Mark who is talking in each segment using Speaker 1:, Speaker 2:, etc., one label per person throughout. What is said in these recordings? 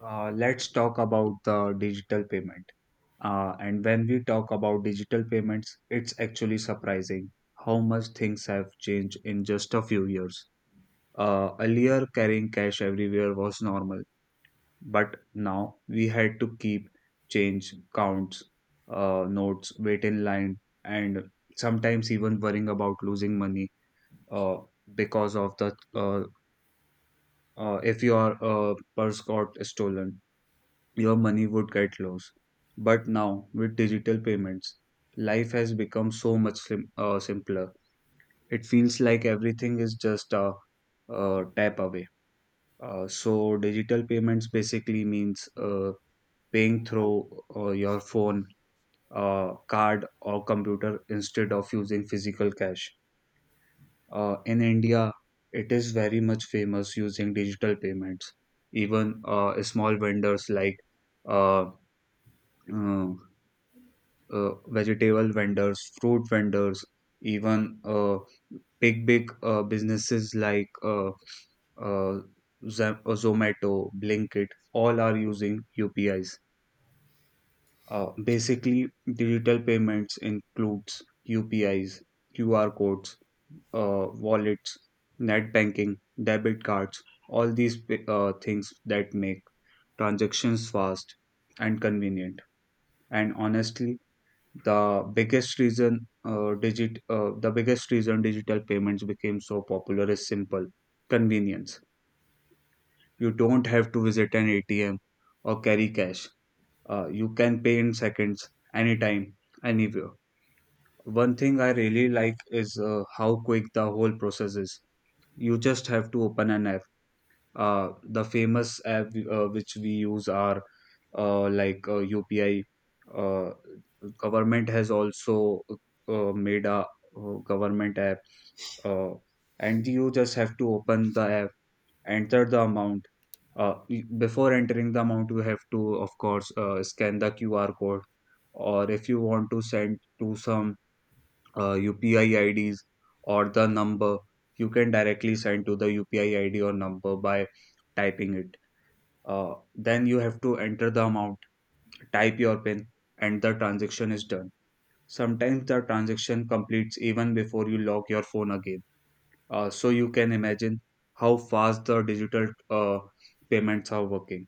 Speaker 1: Let's talk about the digital payment. And when we talk about digital payments, it's actually surprising how much things have changed in just a few years. Earlier, carrying cash everywhere was normal, but now we had to keep change, counts, notes, wait in line, and sometimes even worrying about losing money uh, because of the if your purse got stolen, your money would get lost. But now, with digital payments, life has become so much simpler. It feels like everything is just a tap away. So, digital payments basically means paying through your phone, card, or computer instead of using physical cash. In India, it is very much famous using digital payments. Even small vendors like uh, uh, vegetable vendors, fruit vendors, even big big businesses like uh, Zomato, Blinkit, all are using UPIs. Basically, digital payments includes UPIs, QR codes, wallets, net banking, debit cards, all these things that make transactions fast and convenient. And honestly, the biggest reason digital payments became so popular is simple convenience. You don't have to visit an ATM or carry cash. You can pay in seconds, anytime, anywhere. One thing I really like is how quick the whole process is. You just have to open an app. The famous app which we use are UPI. uh, Government has also made a government app, uh, and you just have to open the app, enter the amount. Before entering the amount, you have to, of course, scan the QR code, or if you want to send to some UPI IDs or the number, you can directly send to the UPI ID or number by typing it. Then you have to enter the amount, type your PIN, and the transaction is done. Sometimes the transaction completes even before you lock your phone again. So you can imagine how fast the digital payments are working.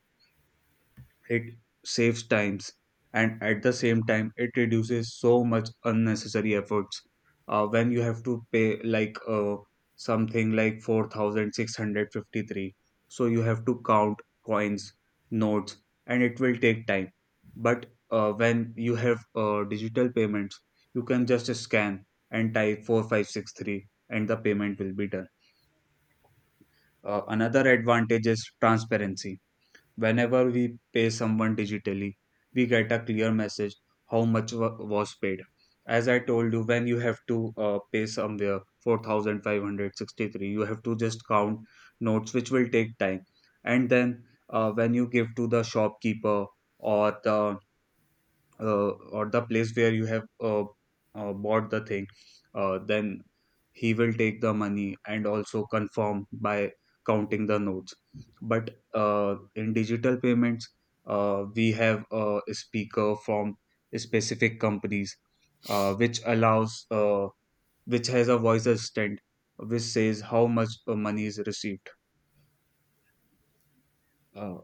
Speaker 1: It saves times, and at the same time it reduces so much unnecessary efforts. When you have to pay like something like 4653, so you have to count coins, notes, and it will take time. But when you have digital payments, you can just scan and type 4563 and the payment will be done. Another advantage is transparency. Whenever we pay someone digitally, we get a clear message how much was paid. As I told you, when you have to pay somewhere 4,563, you have to just count notes, which will take time. And then, when you give to the shopkeeper or the uh, or the place where you have bought the thing, then he will take the money and also confirm by counting the notes. But in digital payments, we have a speaker from specific companies uh, which allows, uh, which has a voice assistant which says how much money is received. Uh,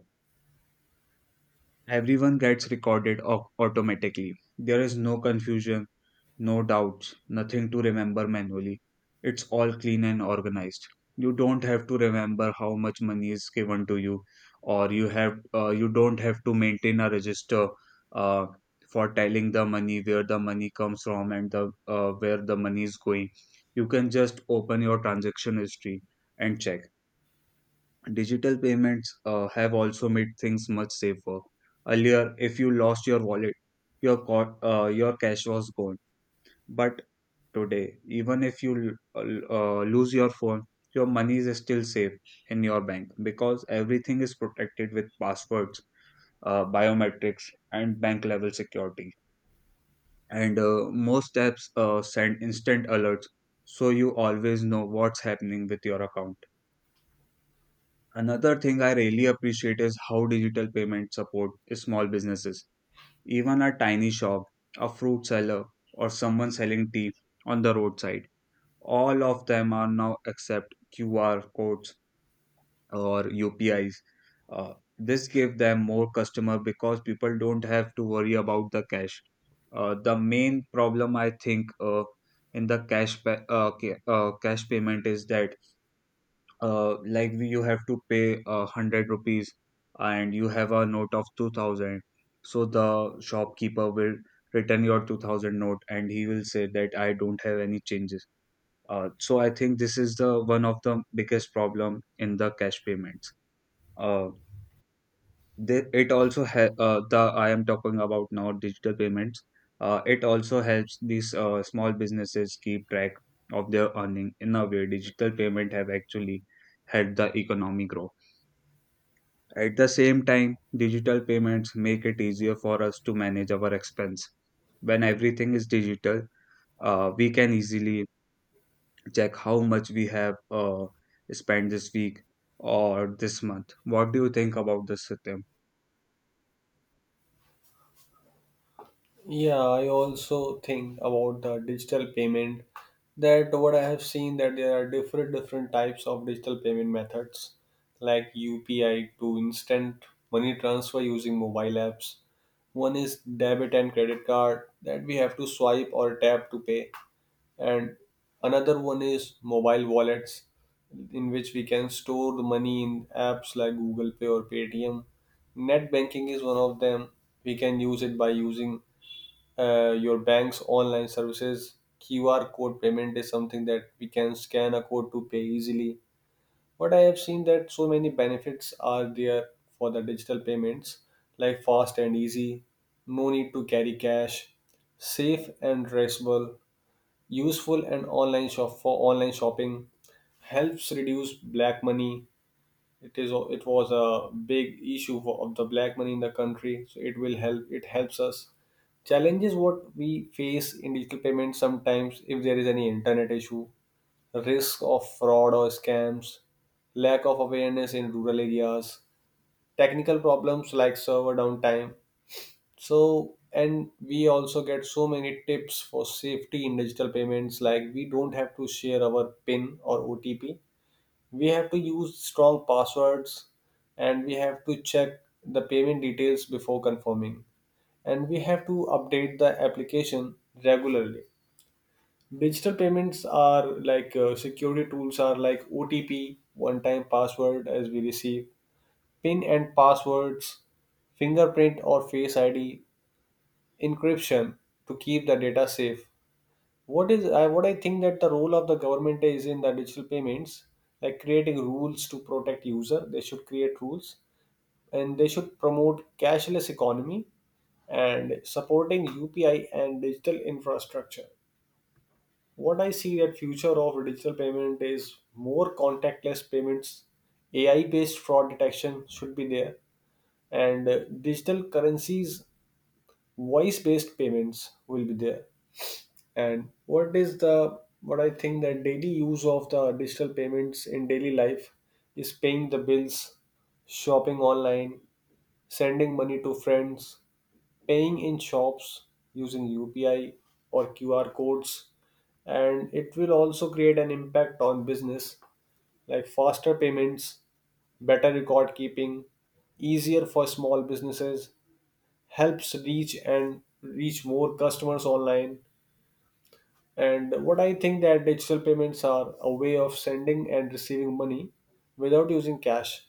Speaker 1: Everyone gets recorded automatically. There is no confusion. No doubts, nothing to remember manually. It's all clean and organized. You don't have to remember how much money is given to you, or you don't have to maintain a register uh, for telling the money where the money comes from and the where the money is going. You can just open your transaction history and check. Digital payments have also made things much safer. Earlier, if you lost your wallet, your cash was gone. But today, even if you lose your phone, your money is still safe in your bank because everything is protected with passwords, biometrics, and bank level security. And most apps send instant alerts, so you always know what's happening with your account. Another thing I really appreciate is how digital payments support small businesses. Even a tiny shop, a fruit seller, or someone selling tea on the roadside, all of them are now accept QR codes or UPIs. This give them more customer because people don't have to worry about the cash. The main problem I think in the cash payment is that like you have to pay 100 rupees and you have a note of 2000, so the shopkeeper will return your 2000 note and he will say that I don't have any changes. So I think this is the one of the biggest problem in the cash payments. Uh, they, it also ha- the I am talking about now digital payments. It also helps these small businesses keep track of their earning. In a way, digital payment have actually helped the economy grow. At the same time, digital payments make it easier for us to manage our expense. When everything is digital, we can easily check how much we have spent this week or this month. What do you think about this, Satyam?
Speaker 2: Yeah, I also think about the digital payment that what I have seen that there are different types of digital payment methods like UPI to instant money transfer using mobile apps. One is debit and credit card that we have to swipe or tap to pay, and another one is mobile wallets in which we can store the money in apps like Google Pay or Paytm. Net banking is one of them. We can use it by using your bank's online services. QR code payment is something that we can scan a code to pay easily. But I have seen that so many benefits are there for the digital payments, like fast and easy, no need to carry cash, safe and traceable, useful and online shop for online shopping, helps reduce black money. It was a big issue for, of the black money in the country, so it will help, it helps us challenges what we face in digital payments: sometimes if there is any internet issue, risk of fraud or scams, lack of awareness in rural areas, technical problems like server downtime. So, and we also get so many tips for safety in digital payments, like we don't have to share our pin or OTP, we have to use strong passwords, and we have to check the payment details before confirming, and we have to update the application regularly. Digital payments are like, security tools are like OTP, one time password as we receive, pin and passwords, fingerprint or Face ID, encryption to keep the data safe. What I think, that the role of the government is in the digital payments, like creating rules to protect user. They should create rules, and they should promote cashless economy, and supporting UPI and digital infrastructure. What I see, that future of digital payment is more contactless payments, AI based fraud detection should be there, and digital currencies, voice based payments will be there. And what is the what I think, that daily use of the digital payments in daily life is paying the bills, shopping online, sending money to friends, paying in shops, using UPI or QR codes. And it will also create an impact on business, like faster payments, better record keeping, easier for small businesses, helps reach more customers online. And what I think, that digital payments are a way of sending and receiving money without using cash.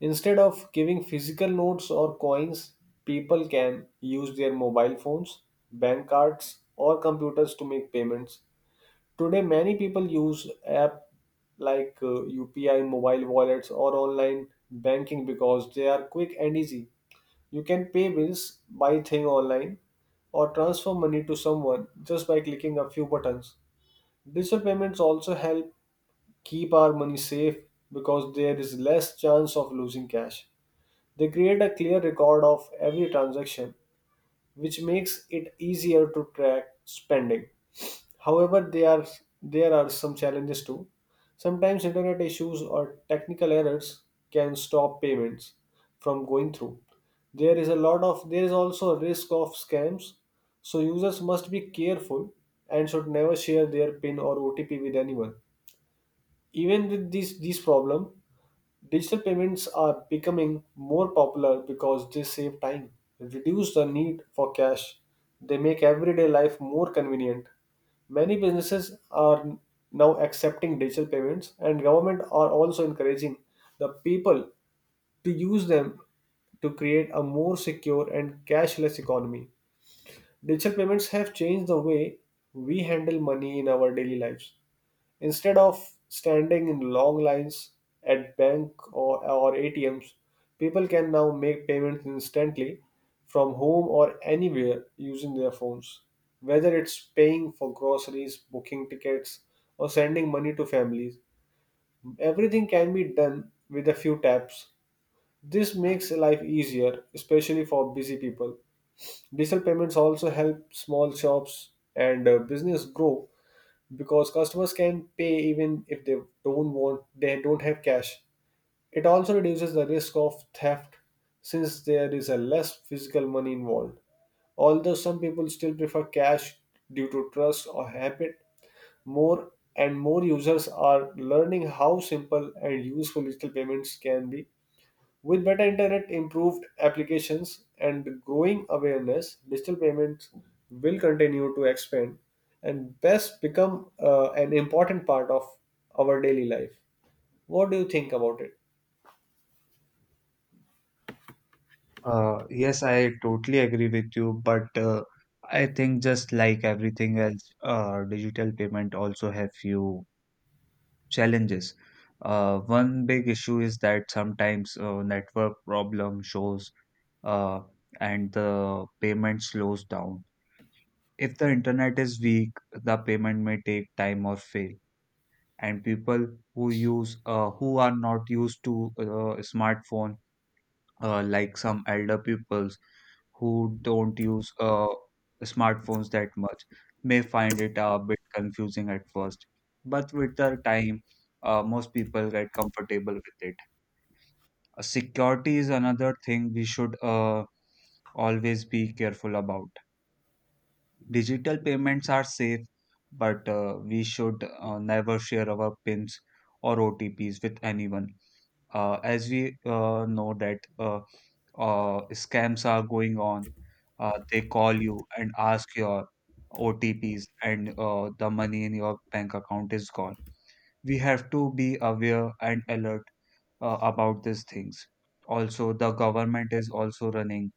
Speaker 2: Instead of giving physical notes or coins, people can use their mobile phones, bank cards, or computers to make payments. Today, many people use app like UPI, mobile wallets, or online banking because they are quick and easy. You can pay bills, buy thing online, or transfer money to someone just by clicking a few buttons. Digital payments also help keep our money safe because there is less chance of losing cash. They create a clear record of every transaction, which makes it easier to track spending. However, there are some challenges too. Sometimes internet issues or technical errors can stop payments from going through. There is also a risk of scams, so users must be careful and should never share their PIN or OTP with anyone. Even with these problem, digital payments are becoming more popular because they save time, reduce the need for cash. They make everyday life more convenient. Many businesses are now accepting digital payments, and government are also encouraging the people to use them to create a more secure and cashless economy. Digital payments have changed the way we handle money in our daily lives. Instead of standing in long lines at bank or ATMs, people can now make payments instantly from home or anywhere using their phones. Whether it's paying for groceries, booking tickets, or sending money to families, everything can be done with a few taps. This makes life easier, especially for busy people. Digital payments also help small shops and business grow because customers can pay even if they don't want they don't have cash. It also reduces the risk of theft since there is a less physical money involved. Although some people still prefer cash due to trust or habit, more and more users are learning how simple and useful digital payments can be. With better internet, improved applications, and growing awareness, digital payments will continue to expand and best become an important part of our daily life. What do you think about it?
Speaker 1: Yes, I totally agree with you, but I think just like everything else, digital payment also have few challenges. One big issue is that sometimes network problem shows, uh, and the payment slows down. If the internet is weak, the payment may take time or fail. And people who are not used to smartphone, like some elder peoples who don't use smartphones that much may find it a bit confusing at first. But with the time, most people get comfortable with it. Security is another thing we should always be careful about. Digital payments are safe, but we should never share our PINs or OTPs with anyone. As we know that, scams are going on. They call you and ask your OTPs and the money in your bank account is gone. We have to be aware and alert about these things. Also, the government is also running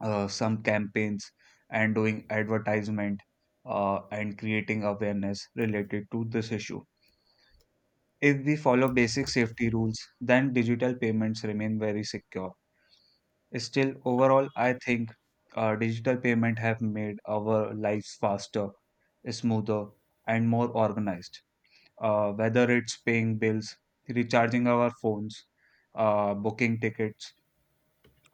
Speaker 1: some campaigns and doing advertisement, and creating awareness related to this issue. If we follow basic safety rules, then digital payments remain very secure. Still, overall, I think digital payment have made our lives faster, smoother, and more organized. Whether it's paying bills, recharging our phones, booking tickets,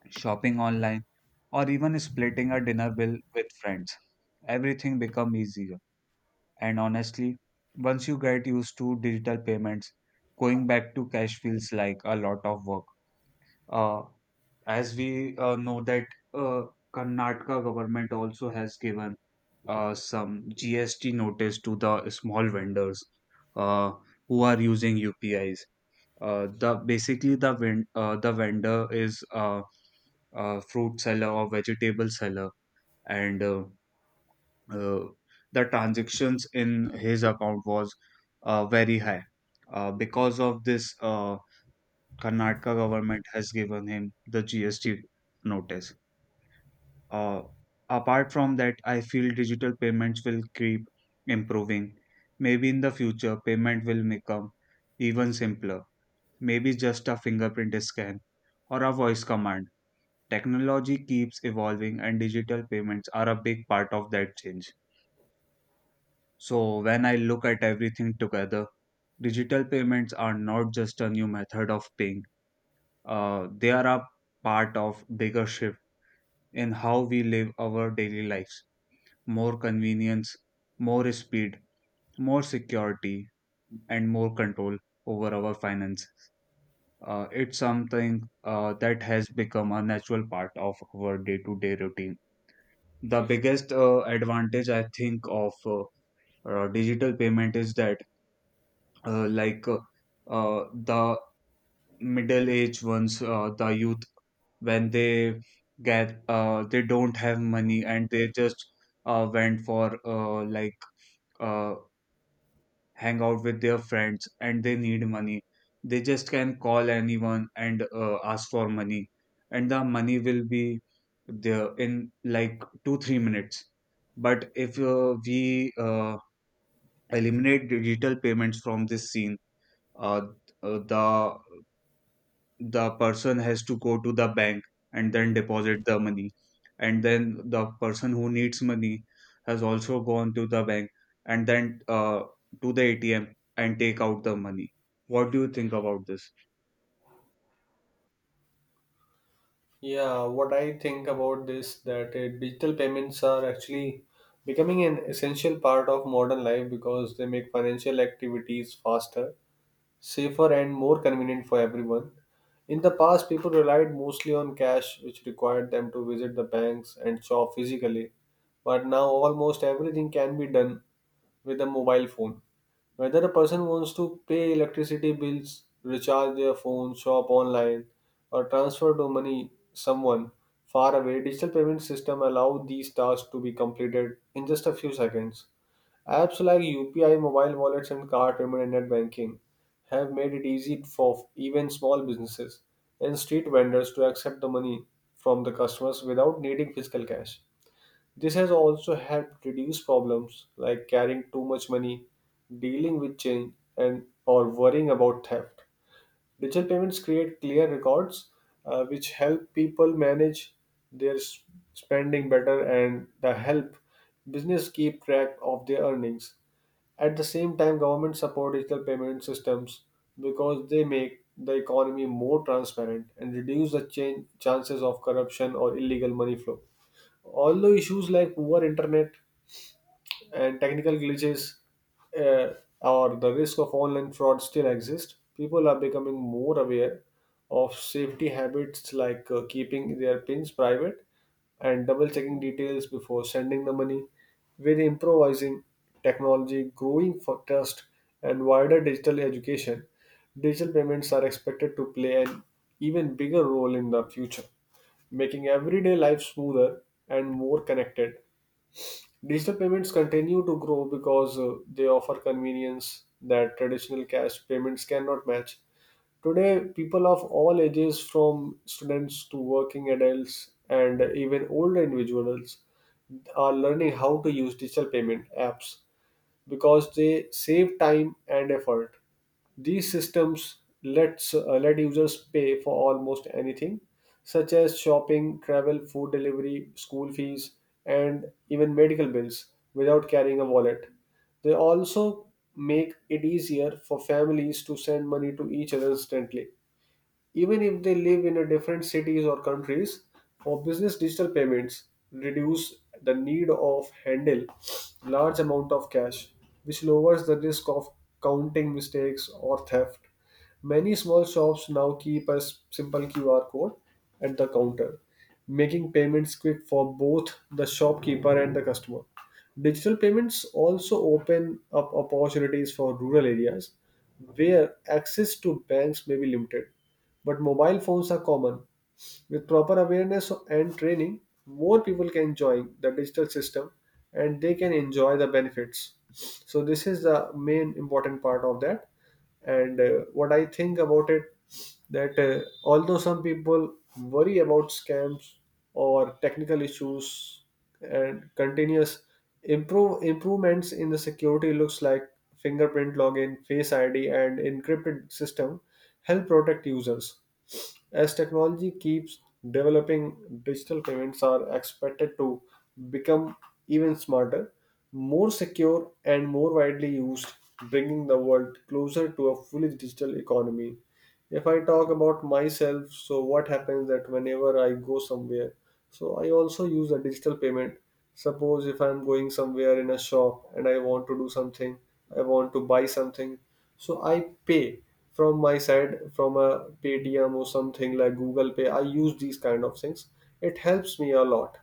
Speaker 1: shopping online, or even splitting a dinner bill with friends, everything become easier. And honestly, once you get used to digital payments, going back to cash feels like a lot of work. Uh, as we know that, uh, Karnataka government also has given some GST notice to the small vendors uh, who are using UPIs. The vendor is fruit seller or vegetable seller, and uh, the transactions in his account was very high. Because of this, Karnataka government has given him the GST notice. Uh, Apart from that, I feel digital payments will keep improving. Maybe in the future, payment will become even simpler. Maybe just a fingerprint scan or a voice command. Technology keeps evolving, and digital payments are a big part of that change. So, when I look at everything together, digital payments are not just a new method of paying, they are a part of bigger shift in how we live our daily lives. More convenience, more speed, more security, and more control over our finance. It's something that has become a natural part of our day to day routine. The biggest advantage I think of digital payment is that, uh, like, uh, the middle aged ones, the youth, when they get they don't have money, and they just went for uh, hang out with their friends and they need money. They just can call anyone and ask for money, and the money will be there in like 2-3 minutes. But if we eliminate digital payments from this scene, uh, uh, the the person has to go to the bank and then deposit the money. And then the person who needs money has also gone to the bank and then to the ATM and take out the money. What do you think about this?
Speaker 2: Yeah, what I think about this, that digital payments are actually becoming an essential part of modern life because they make financial activities faster, safer, and more convenient for everyone. In the past, people relied mostly on cash, which required them to visit the banks and shop physically. But now, almost everything can be done with a mobile phone. Whether a person wants to pay electricity bills, recharge their phone, shop online, or transfer to money someone far away, digital payment system allow these tasks to be completed in just a few seconds. Apps like UPI, mobile wallets, and card payment and net banking have made it easy for even small businesses and street vendors to accept the money from the customers without needing physical cash. This has also helped reduce problems like carrying too much money, dealing with change, and or worrying about theft. Digital payments create clear records, which help people manage their spending better, and the help business keep track of their earnings. At the same time, governments support digital payment systems because they make the economy more transparent and reduce the chances of corruption or illegal money flow. Although issues like poor internet and technical glitches, uh, or the risk of online fraud still exist, people are becoming more aware of safety habits like keeping their pins private and double checking details before sending the money. With improvising technology, growing for trust, and wider digital education, digital payments are expected to play an even bigger role in the future, making everyday life smoother and more connected. Digital payments continue to grow because they offer convenience that traditional cash payments cannot match. Today, people of all ages, from students to working adults and even older individuals, are learning how to use digital payment apps because they save time and effort. These systems let users pay for almost anything, such as shopping, travel, food delivery, school fees, and even medical bills without carrying a wallet. They also make it easier for families to send money to each other instantly, even if they live in a different cities or countries. For business, digital payments reduce the need of handle large amount of cash, which lowers the risk of counting mistakes or theft. Many small shops now keep a simple QR code at the counter, making payments quick for both the shopkeeper and the customer. Digital payments also open up opportunities for rural areas where access to banks may be limited, but mobile phones are common. With proper awareness and training, more people can join the digital system, and they can enjoy the benefits. So, this is the main important part of that. And what I think about it, that although some people worry about scams or technical issues, and continuous improvements in the security looks like fingerprint login, Face ID, and encrypted system help protect users. As technology keeps developing, digital payments are expected to become even smarter, more secure, and more widely used, bringing the world closer to a fully digital economy. If I talk about myself, so what happens that whenever I go somewhere, so I also use a digital payment. Suppose if I'm going somewhere in a shop and I want to do something, I want to buy something, so I pay from my side from a Paytm, or something like Google Pay. I use these kind of things. It helps me a lot.